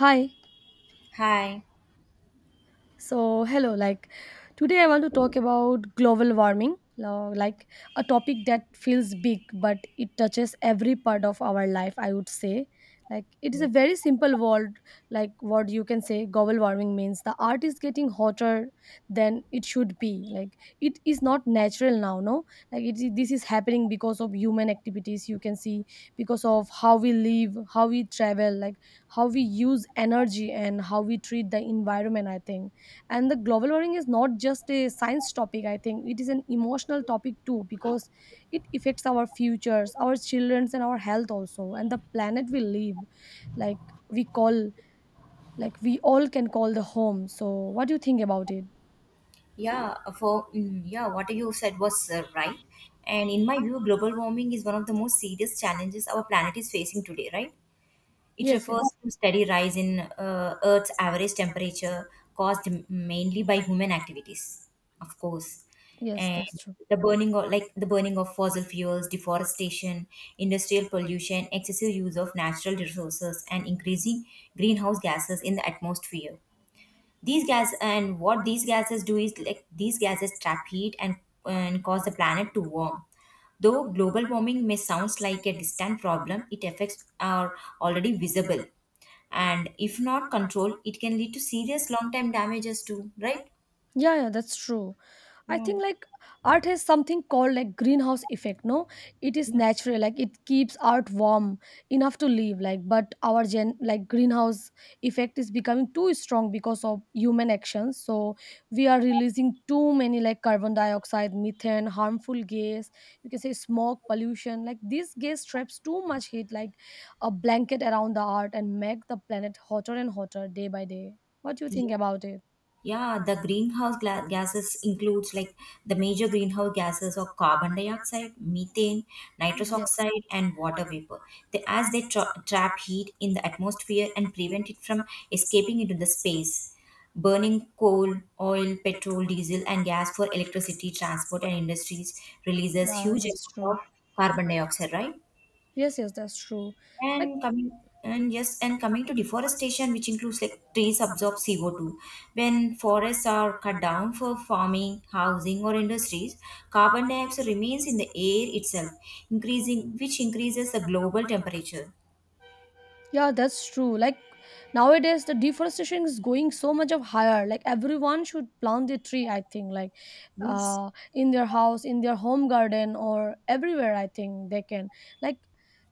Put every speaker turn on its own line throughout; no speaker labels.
Hi,
Hi.
so, hello, like today I want to talk about global warming, like a topic that feels big but it touches every part of our life, I would say. Like it is a very simple word, like what you can say global warming means the earth is getting hotter than it should be. Like it is not natural now, no? Like it is this is happening because of human activities, you can see, because of how we live, how we travel, like how we use energy and how we treat the environment, I think. And the global warming is not just a science topic, I think it is an emotional topic too, because it affects our futures, our children's and our health also, and the planet we live, like we call, like we all can call the home. So what do you think about it?
Yeah, for mm, yeah, what you said was right. And in my view, global warming is one of the most serious challenges our planet is facing today, right? It
Yes,
refers
yes,
to steady rise in Earth's average temperature caused mainly by human activities, of course.
yes,
And
that's true.
the burning of fossil fuels, deforestation, industrial pollution, excessive use of natural resources, and increasing greenhouse gases in the atmosphere. These gas and what these gases do is, like, these gases trap heat, and cause the planet to warm. Though global warming may sounds like a distant problem, it affects are already visible. And if not controlled, it can lead to serious long term damages too, right?
Yeah, yeah, that's true. I
Yeah.
think like art has something called like greenhouse effect, no? It is
Yeah,
natural, like it keeps art warm enough to live, like but our gen like greenhouse effect is becoming too strong because of human actions. So we are releasing too many like carbon dioxide, methane, harmful gas, you can say smoke, pollution. Like this gas traps too much heat like a blanket around the art and make the planet hotter and hotter day by day. What do you think about it?
yeah, the greenhouse gases includes, like, the major greenhouse gases are carbon dioxide, methane, nitrous oxide, and water vapor. They, as they trap heat in the atmosphere and prevent it from escaping into the space. Burning coal, oil, petrol, diesel, and gas for electricity, transport, and industries releases
Yeah,
huge
that's
amount
true.
of carbon dioxide, right?
Yes, yes, that's true. Like.
and coming and yes, and coming to deforestation, which includes, like, trees absorb CO2. When forests are cut down for farming, housing, or industries, carbon dioxide remains in the air itself, increasing which increases the global temperature.
Yeah, that's true. Like nowadays, the deforestation is going so much of higher. Like everyone should plant a tree. I think like,
Yes.
in their house, in their home garden, or everywhere. I think they can. Like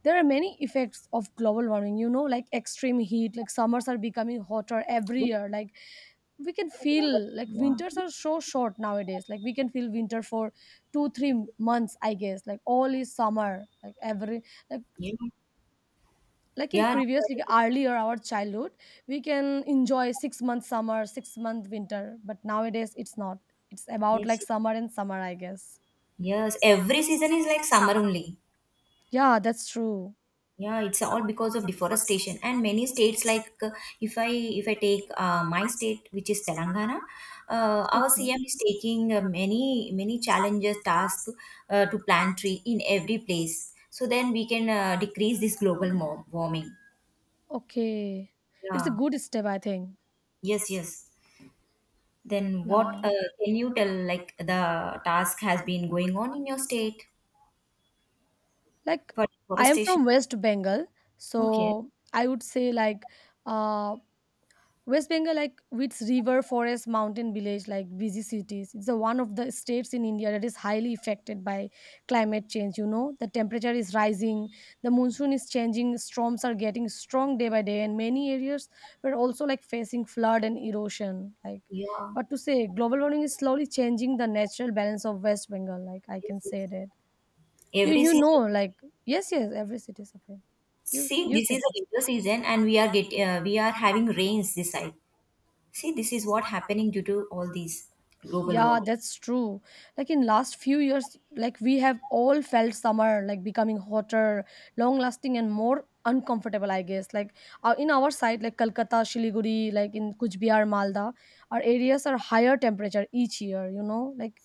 there are many effects of global warming. You know, like extreme heat. Like summers are becoming hotter every
Yeah.
year. Like we can feel like
Yeah.
winters are so short nowadays. Like we can feel winter for 2 3 months. I guess like all is summer. Like every like
Yeah.
in
Yeah.
previous like earlier our childhood we can enjoy 6 month summer 6 month winter but nowadays it's not, it's about
Yes.
like summer and summer, I guess.
Yes. Every season is like summer only.
Yeah, that's true.
Yeah, it's all because of deforestation, and many states like if I take my state, which is Telangana. Our
Okay.
CM is taking many challenges tasks to plant tree in every place, so then we can decrease this global warming.
Okay, it's a
Yeah.
good step, I think.
Yes, yes. Then what
Yeah.
can you tell, like, the task has been going on in your state
Like
for
I am
deforestation?
from West Bengal, so
Okay.
I would say like, uh West Bengal, like with river, forest, mountain village, like busy cities, it's the one of the states in India that is highly affected by climate change. You know, the temperature is rising, the monsoon is changing, storms are getting strong day by day, and many areas were also like facing flood and erosion. Like,
Yeah.
what to say? Global warming is slowly changing the natural balance of West Bengal. Like, I
Yes,
can
yes.
say that. You,
Every
you know,
season.
like yes, yes, every city is suffering. You,
See,
you
this
say
is a
first.
winter season, and we are having rains this side. See, this is what happening due to all these global
Yeah,
warming.
that's true. Like in last few years, like we have all felt summer like becoming hotter, long lasting and more uncomfortable, I guess. Like in our side, like Kolkata, Shiliguri, like in Kuch Malda, our areas are higher temperature each year, you know, like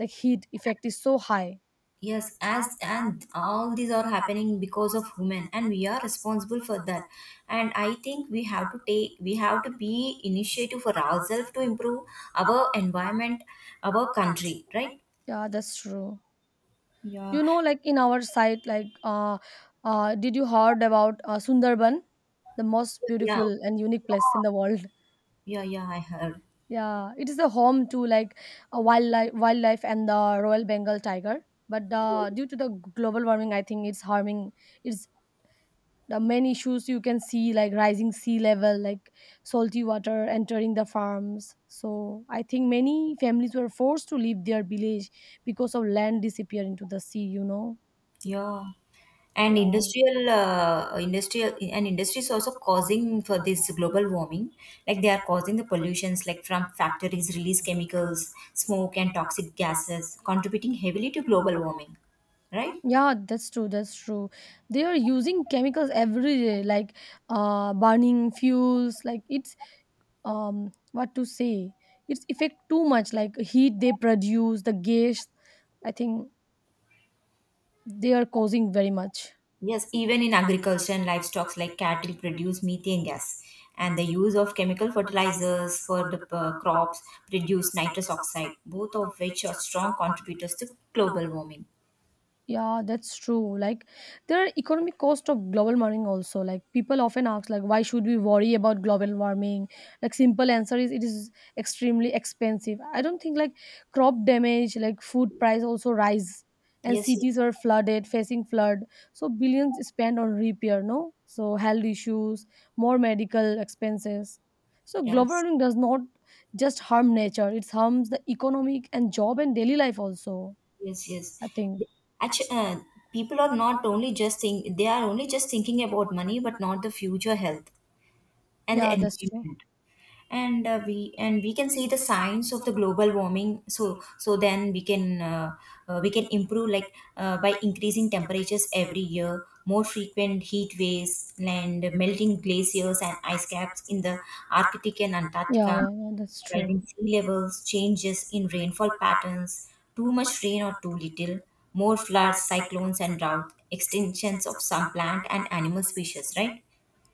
heat effect is so high.
Yes, as and all these are happening because of women, and we are responsible for that. And I think we have to be initiative for ourselves to improve our environment, our country, right?
Yeah, that's true.
Yeah,
You know, like in our side, like did you heard about Sundarban, the most
yeah,
beautiful and unique place in the world?
yeah, yeah. I heard.
Yeah, it is the home to like a wildlife and the Royal Bengal tiger. But due to the global warming, I think it's harming. It's the main issues you can see like rising sea level, like salty water entering the farms. So I think many families were forced to leave their village because of land disappear into the sea. You know,
Yeah. And
yeah.
industry is also causing for this global warming. Like they are causing the pollutions, like from factories release chemicals, smoke, and toxic gases, contributing heavily to global warming, right?
Yeah, that's true. That's true. They are using chemicals every day, like burning fuels. Like it's what to say? It's effect too much. Like heat they produce, the gas. I think they are causing very much.
Yes. Even in agriculture and livestock, like cattle produce methane gas, and the use of chemical fertilizers for the crops produce nitrous oxide, both of which are strong contributors to global warming.
Yeah, that's true. Like there are economic cost of global warming also. Like people often ask like why should we worry about global warming? Like simple answer is it is extremely expensive. I don't think like crop damage, like food price also rise and
Yes.
cities are flooded, facing flood. So billions spent on repair, no? So health issues, more medical expenses. So
Yes.
global
Yes.
warming does not just harm nature, it harms the economic and job and daily life also,
Yes, yes.
I think.
Actually, people are not only just think they are only just thinking about money, but not the future health and the
Yeah, that's true.
environment. And we can see the signs of the global warming. So then we can improve, like, by increasing temperatures every year, more frequent heat waves, and melting glaciers and ice caps in the Arctic and
Yeah,
Antarctica.
yeah, yeah, that's true.
Rising sea levels, changes in rainfall patterns, too much rain or too little, more floods, cyclones, and drought, extinctions of some plant and animal species, right?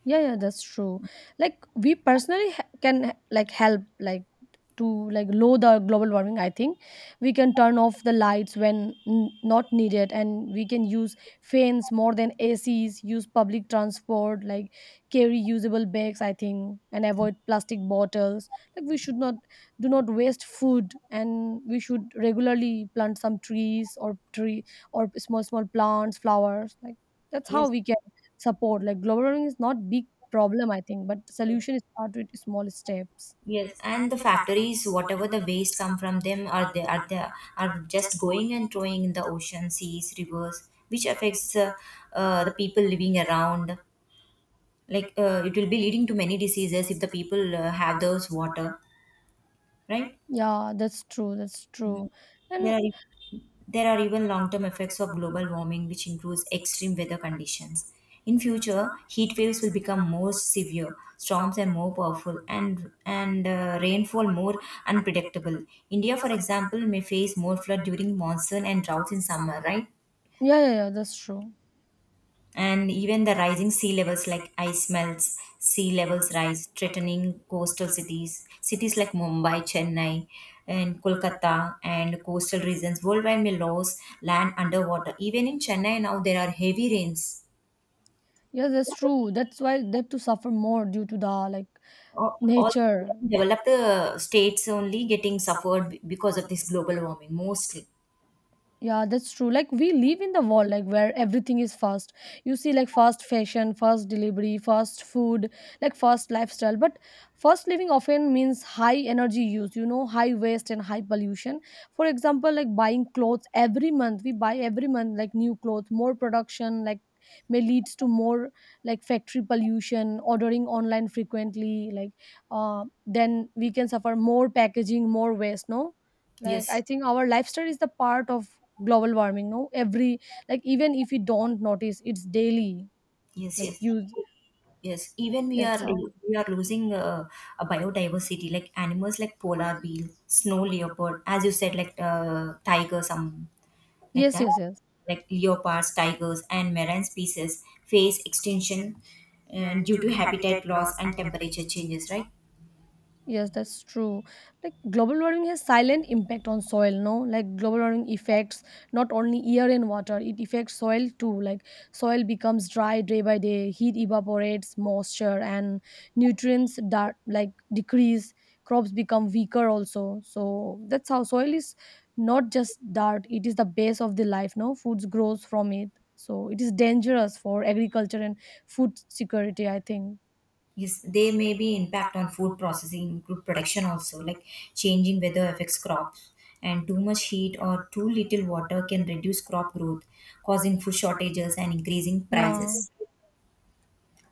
Yeah, yeah, that's true. Like we personally can like help like to like lower the global warming. I think we can turn off the lights when not needed, and we can use fans more than ACs. Use public transport, like carry usable bags. I think and avoid plastic bottles. Like we should not do not waste food, and we should regularly plant some trees or tree or small small plants, flowers. Like that's how
Yes.
we can support. Like global warming is not big problem, I think, but
Yes.
solution is start with small steps.
Yes, and the factories, whatever the waste come from them, are they are they are just going and throwing in the ocean, seas, rivers, which affects the people living around. Like it will be leading to many diseases if the people have those water, right?
Yeah, that's true. That's true.
Mm. There
And
are There are even long-term effects of global warming, which includes extreme weather conditions. In future, heat waves will become more severe, storms are more powerful, and rainfall more unpredictable. India, for example, may face more flood during monsoon and droughts in summer, right?
yeah, yeah, yeah, that's true.
And even the rising sea levels, like ice melts, sea levels rise, threatening coastal cities. Cities like Mumbai, Chennai, and Kolkata and coastal regions worldwide may lose land underwater. Even in Chennai now there are heavy rains.
Yeah, that's true. That's why they have to suffer more due to the like
All
nature.
developed states only getting suffered because of this global warming mostly.
Yeah, that's true. Like we live in the world like where everything is fast. You see like fast fashion, fast delivery, fast food, like fast lifestyle. But fast living often means high energy use, you know, high waste and high pollution. For example, like buying clothes every month. We buy every month like new clothes, more production, like may leads to more like factory pollution, ordering online frequently, like then we can suffer more packaging, more waste, no? Like I
Yes,
think our lifestyle is the part of global warming, no? Every like, even if you don't notice, it's daily,
yes,
like
yes.
you,
Yes, even we
that's
are
how.
we are losing a biodiversity, like animals like polar bear, snow leopard, as you said, like tiger, some like
Yes,
that,
yes, yes.
like leopards, tigers, and marine species face extinction, and due to habitat loss and temperature changes, right?
Yes, that's true. Like global warming has silent impact on soil, no? Like global warming affects not only air and water, it affects soil too. Like soil becomes dry day by day, heat evaporates moisture and nutrients that like decrease, crops become weaker also. So that's how soil is not just dirt, it is the base of the life, no? Foods grows from it. So it is dangerous for agriculture and food security, I think.
Yes, there may be impact on food processing, food production also, like changing weather affects crops, and too much heat or too little water can reduce crop growth, causing food shortages and increasing
Yeah.
prices.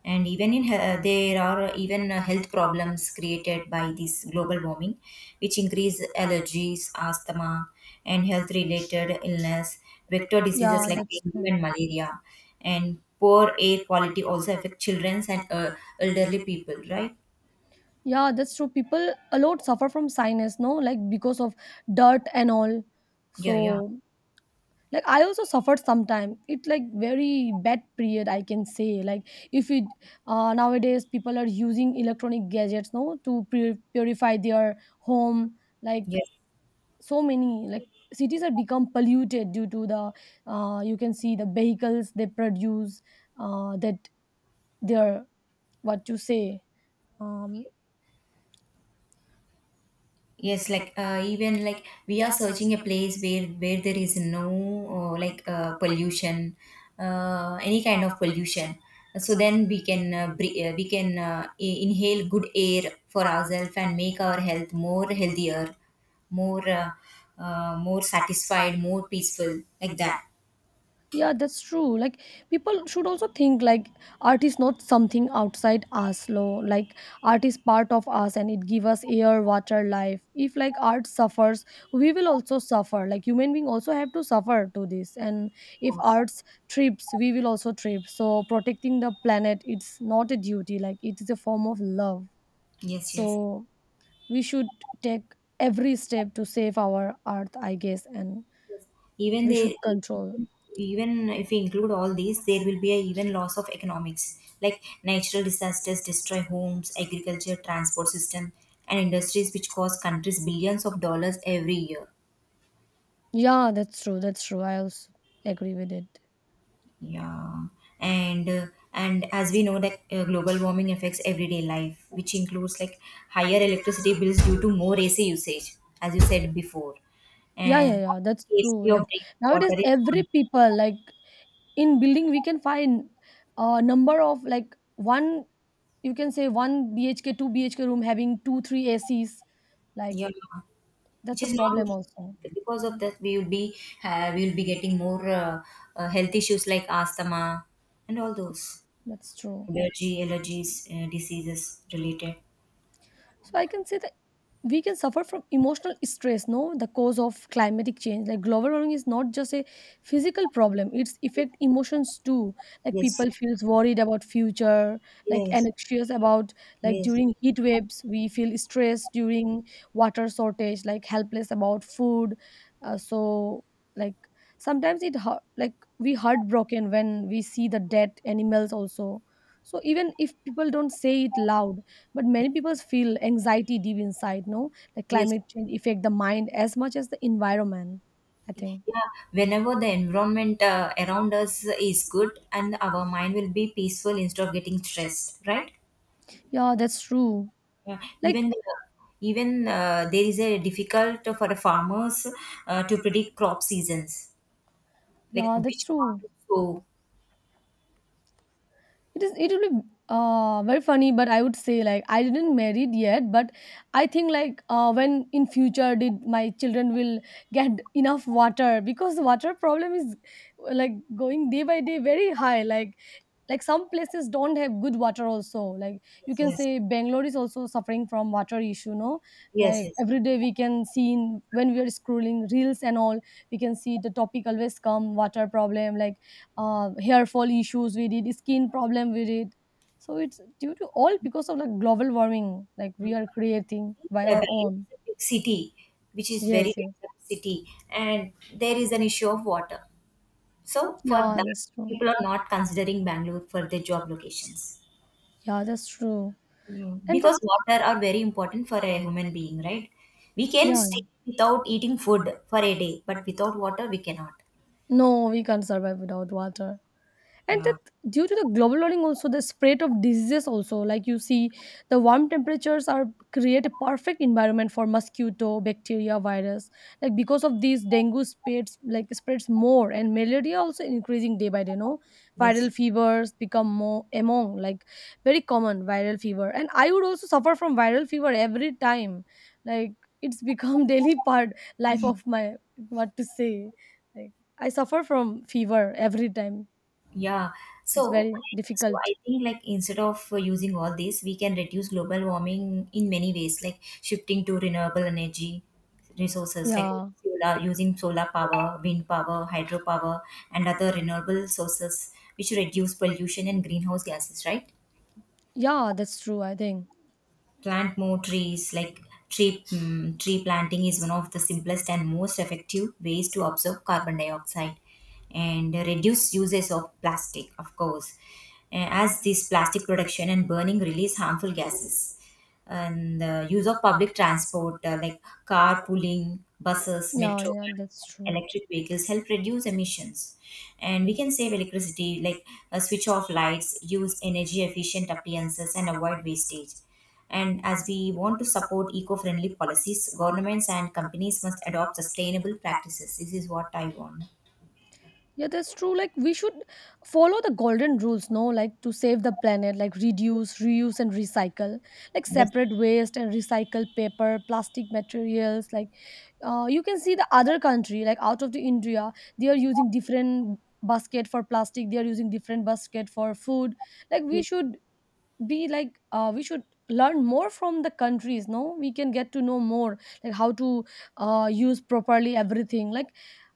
And there are even health problems created by this global warming, which increase allergies, asthma, and health related illness, vector diseases
Yeah,
like
that's
dengue
true.
and malaria, and poor air quality also affect children and elderly people, right?
Yeah, that's true. People a lot suffer from sinus, no, like because of dirt and all.
Yeah, yeah,
So, like I also suffered sometime. It like very bad period, I can say. Like if it nowadays people are using electronic gadgets, no, to purify their home. Like
yes.
so many, like cities are become polluted due to the you can see the vehicles they produce that their what you say. Um,
Yes, like even, like, we are searching a place where there is no like, pollution, any kind of pollution. So then we can inhale good air for ourselves and make our health more healthier, more more satisfied, more peaceful, like that.
Yeah, that's true. Like people should also think like art is not something outside us, lo. Like art is part of us and it gives us air, water, life. If like art suffers, we will also suffer. Like human being also have to suffer to this. And if arts trips, we will also trip. So protecting the planet, it's not a duty. Like it is a form of love.
Yes, yes.
So we should take every step to save our earth, I guess, and
even
we
they
should control.
even if we include all these, there will be a even loss of economics, like natural disasters destroy homes, agriculture, transport system, and industries, which cost countries billions of dollars every year.
Yeah, that's true. That's true. I also agree with it.
Yeah. And and as we know that global warming affects everyday life, which includes like higher electricity bills due to more AC usage, as you said before,
Yeah, yeah,
and
yeah. That's true.
scarcity of
Like
drinking
nowadays,
water
every
is,
people like in building we can find a number of like one, you can say, one BHK, two BHK room having two, three ACs. Like
yeah, which
that's a
is not
problem also.
good. Because of that, we will be we will be getting more health issues like asthma and all those
That's true.
allergy allergies, diseases related.
So I can say that we can suffer from emotional stress, no? The cause of climatic change, like global warming is not just a physical problem, it's affect emotions too. Like
Yes,
people feels worried about future, like
yes,
anxious about, like
yes.
during heat waves we feel stressed, during water shortage like helpless about food. So like sometimes it hurt, like we heartbroken when we see the dead animals also. So even if people don't say it loud, but
Yes,
many people feel anxiety deep inside, no? The
yes.
climate change affect the mind as much as the environment, I think.
Yeah, whenever the environment around us is good, and our mind will be peaceful instead of getting stressed, right?
Yeah, that's true.
Yeah. even
Like,
the even uh, there is a difficult for the farmers to predict crop seasons, like
yeah,
which
that's
crop
true.
to sow.
It is. It will be very funny, but I would say like I didn't married yet, but I think like when in future did my children will get enough water, because water problem is like going day by day very high. Like some places don't have good water also. Like you can
Yes,
say Bangalore is also suffering from water issue. No,
yes,
like
yes.
every day we can see in, when we are scrolling reels and all, we can see the topic always come water problem like hair fall issues we did skin problem we did so it's due to all because of like global warming like
Mm.
we are creating by our
Bangalore
own.
is a big city, which is very
Yes, yes.
developed city, and there is an issue of water. So for
Yeah,
that,
that's true.
people are not considering Bangalore for their job locations.
Yeah, that's true.
Mm.
And that,
Because water are very important for a human being, right? We can
yeah,
stay without eating food for a day, but without water we cannot.
no, we can't survive without water. And
Yeah.
that due to the global warming also the spread of diseases also, like you see the warm temperatures are create a perfect environment for mosquito bacteria virus, like because of these dengue spreads like spreads more and malaria also increasing day by day, no?
Yes.
Viral fevers become more among like very common viral fever and I would also suffer from viral fever every time. Like it's become daily part life of my, what to say, like I suffer from fever every time.
Yeah.
It's
So,
very
so,
difficult.
I think, like, instead of using all this, we can reduce global warming in many ways, like shifting to renewable energy resources like
Yeah.
solar, using solar power, wind power, hydropower, and other renewable sources, which reduce pollution and greenhouse gases, right?
Yeah, that's true, I think.
Plant more trees. Like, tree planting is one of the simplest and most effective ways to absorb carbon dioxide, and reduce uses of plastic, of course, as this plastic production and burning release harmful gases. And the use of public transport, like carpooling, buses,
Yeah,
metro,
yeah, that's true.
electric vehicles help reduce emissions. And we can save electricity, like switch off lights, use energy efficient appliances, and avoid wastage. And as we want to support eco friendly policies, governments and companies must adopt sustainable practices. This is what I want.
Yeah, that's true. Like we should follow the golden rules, no? Like to save the planet, like reduce, reuse and recycle. Like
Yes.
separate waste and recycle paper, plastic materials. Like you can see the other country, like out of the India, they are using different basket for plastic, they are using different basket for food. Like we should be like we should learn more from the countries, no, we can get to know more like how to use properly everything. Like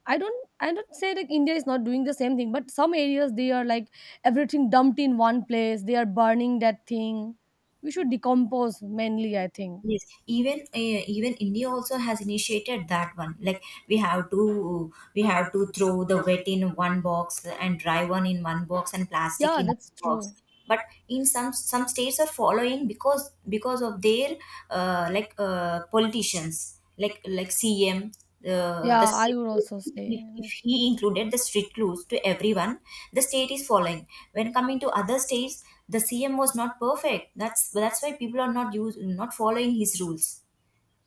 I don't say like India is not doing the same thing, but some areas they are like everything dumped in one place, they are burning that thing. We should decompose mainly, I think.
Yes, even India also has initiated that one. Like we have to throw the wet in one box and dry one in one box and plastic
Yeah,
in
that's
one box.
true.
But in some states are following, because of their like politicians, like CM, the
Yeah, I would also say
if
like
he included the strict rules to everyone, the state is following. When coming to other states, the CM was not perfect, that's why people are not following his rules.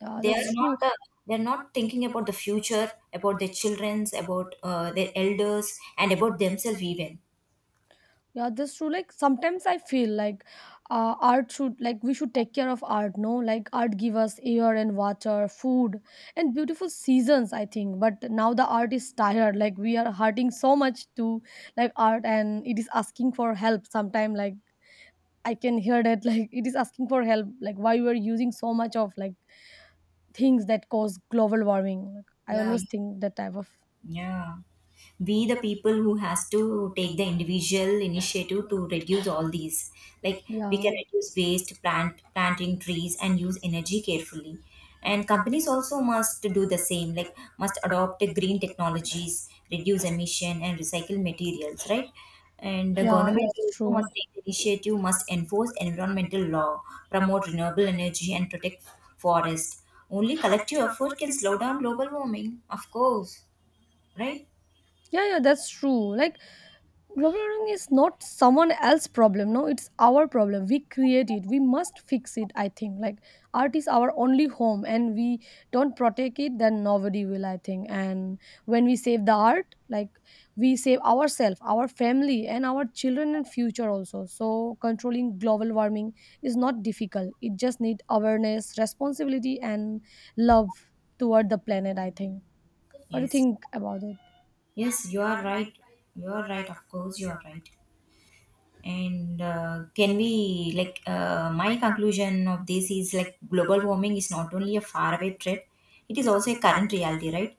yeah,
they
that's
are not
true.
uh, they're not thinking about the future, about their children's, about their elders, and about themselves even.
Yeah, that's true. Like sometimes I feel like art should, like we should take care of art, no? Like art give us air and water, food and beautiful seasons, I think. But now the art is tired. Like we are hurting so much to like art, and it is asking for help sometime. Like I can hear that like it is asking for help. Like why we are using so much of like things that cause global warming. Like I
Yeah.
always think that type of
Yeah. We the people who has to take the individual initiative to reduce all these. Like we can
yeah.
reduce waste, planting trees, and use energy carefully. And companies also must do the same, like must adopt green technologies, reduce emission, and recycle materials, right? And the
Yeah,
government
that's
also must
true.
take the initiative, must enforce environmental law, promote renewable energy, and protect forest. Only collective effort can slow down global warming, of course, right?
Yeah, yeah, that's true. Like global warming is not someone else's problem, no, it's our problem. We create it, we must fix it, I think. Like art is our only home, and we don't protect it then nobody will, I think. And when we save the art, like we save ourselves, our family and our children and future also. So controlling global warming is not difficult, it just need awareness, responsibility and love toward the planet, I think. What do you
Yes,
think about it?
yes. You are right. You are right. Of course, you are right. And can we, like, my conclusion of this is, like, global warming is not only a faraway threat, it is also a current reality, right?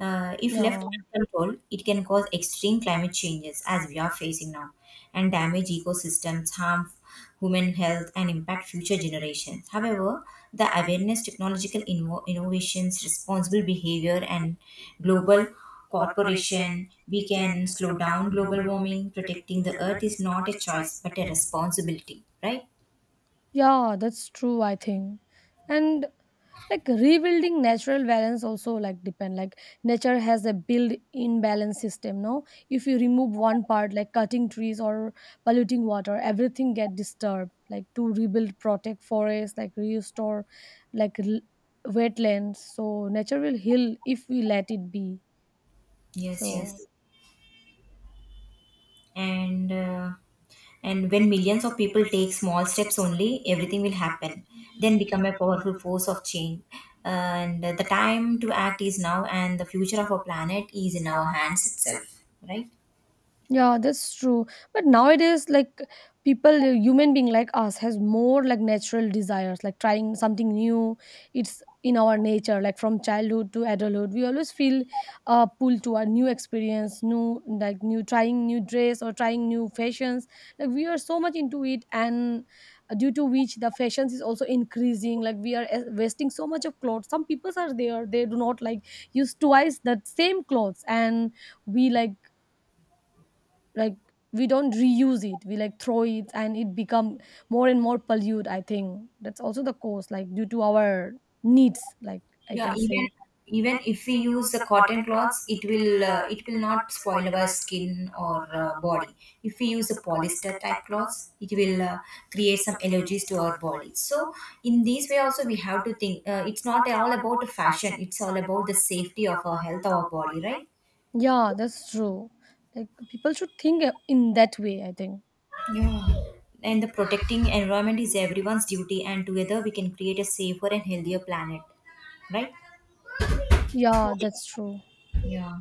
If left
Yeah.
uncontrolled, it can cause extreme climate changes as we are facing now, and damage ecosystems, harm human health, and impact future generations. However, the awareness, technological innovations, responsible behavior, and global cooperation, we can slow down global warming. Protecting the earth is not a choice but a responsibility, right?
Yeah, that's true, I think. And like rebuilding natural balance also, like depend, like nature has a built in balance system, no? If you remove one part, like cutting trees or polluting water, everything get disturbed. Like to rebuild, protect forests, like restore like wetlands, so nature will heal if we let it be.
Yes,
So
yes. and uh, and when millions of people take small steps only, everything will happen, then become a powerful force of change. And the time to act is now, and the future of our planet is in our hands itself, right?
yeah, that's true. But nowadays, like people, human being like us has more like natural desires, like trying something new. It's in our nature, like from childhood to adulthood, we always feel pulled to a new experience, new like new trying new dress or trying new fashions. Like we are so much into it, and due to which the fashions is also increasing. Like we are wasting so much of clothes. Some people are there, they do not like use twice that same clothes, and we like we don't reuse it, we like throw it and it become more and more pollute, I think. That's also the cause, like due to our needs, like I
Yeah.
can
even
say.
even if we use the cotton cloths, it will it will not spoil our skin or body. If we use the polyester type cloths, it will create some allergies to our body. So in these way also we have to think. It's not all about fashion. It's all about the safety of our health, our body, right?
Yeah, that's true. Like people should think in that way, I think.
Yeah. And the protecting environment is everyone's duty, and together we can create a safer and healthier planet, right?
Yeah, that's true.
Yeah.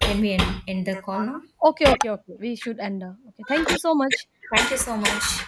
Can we end the call now?
Okay, okay, okay, we should end, okay, thank you so much.
Thank you so much.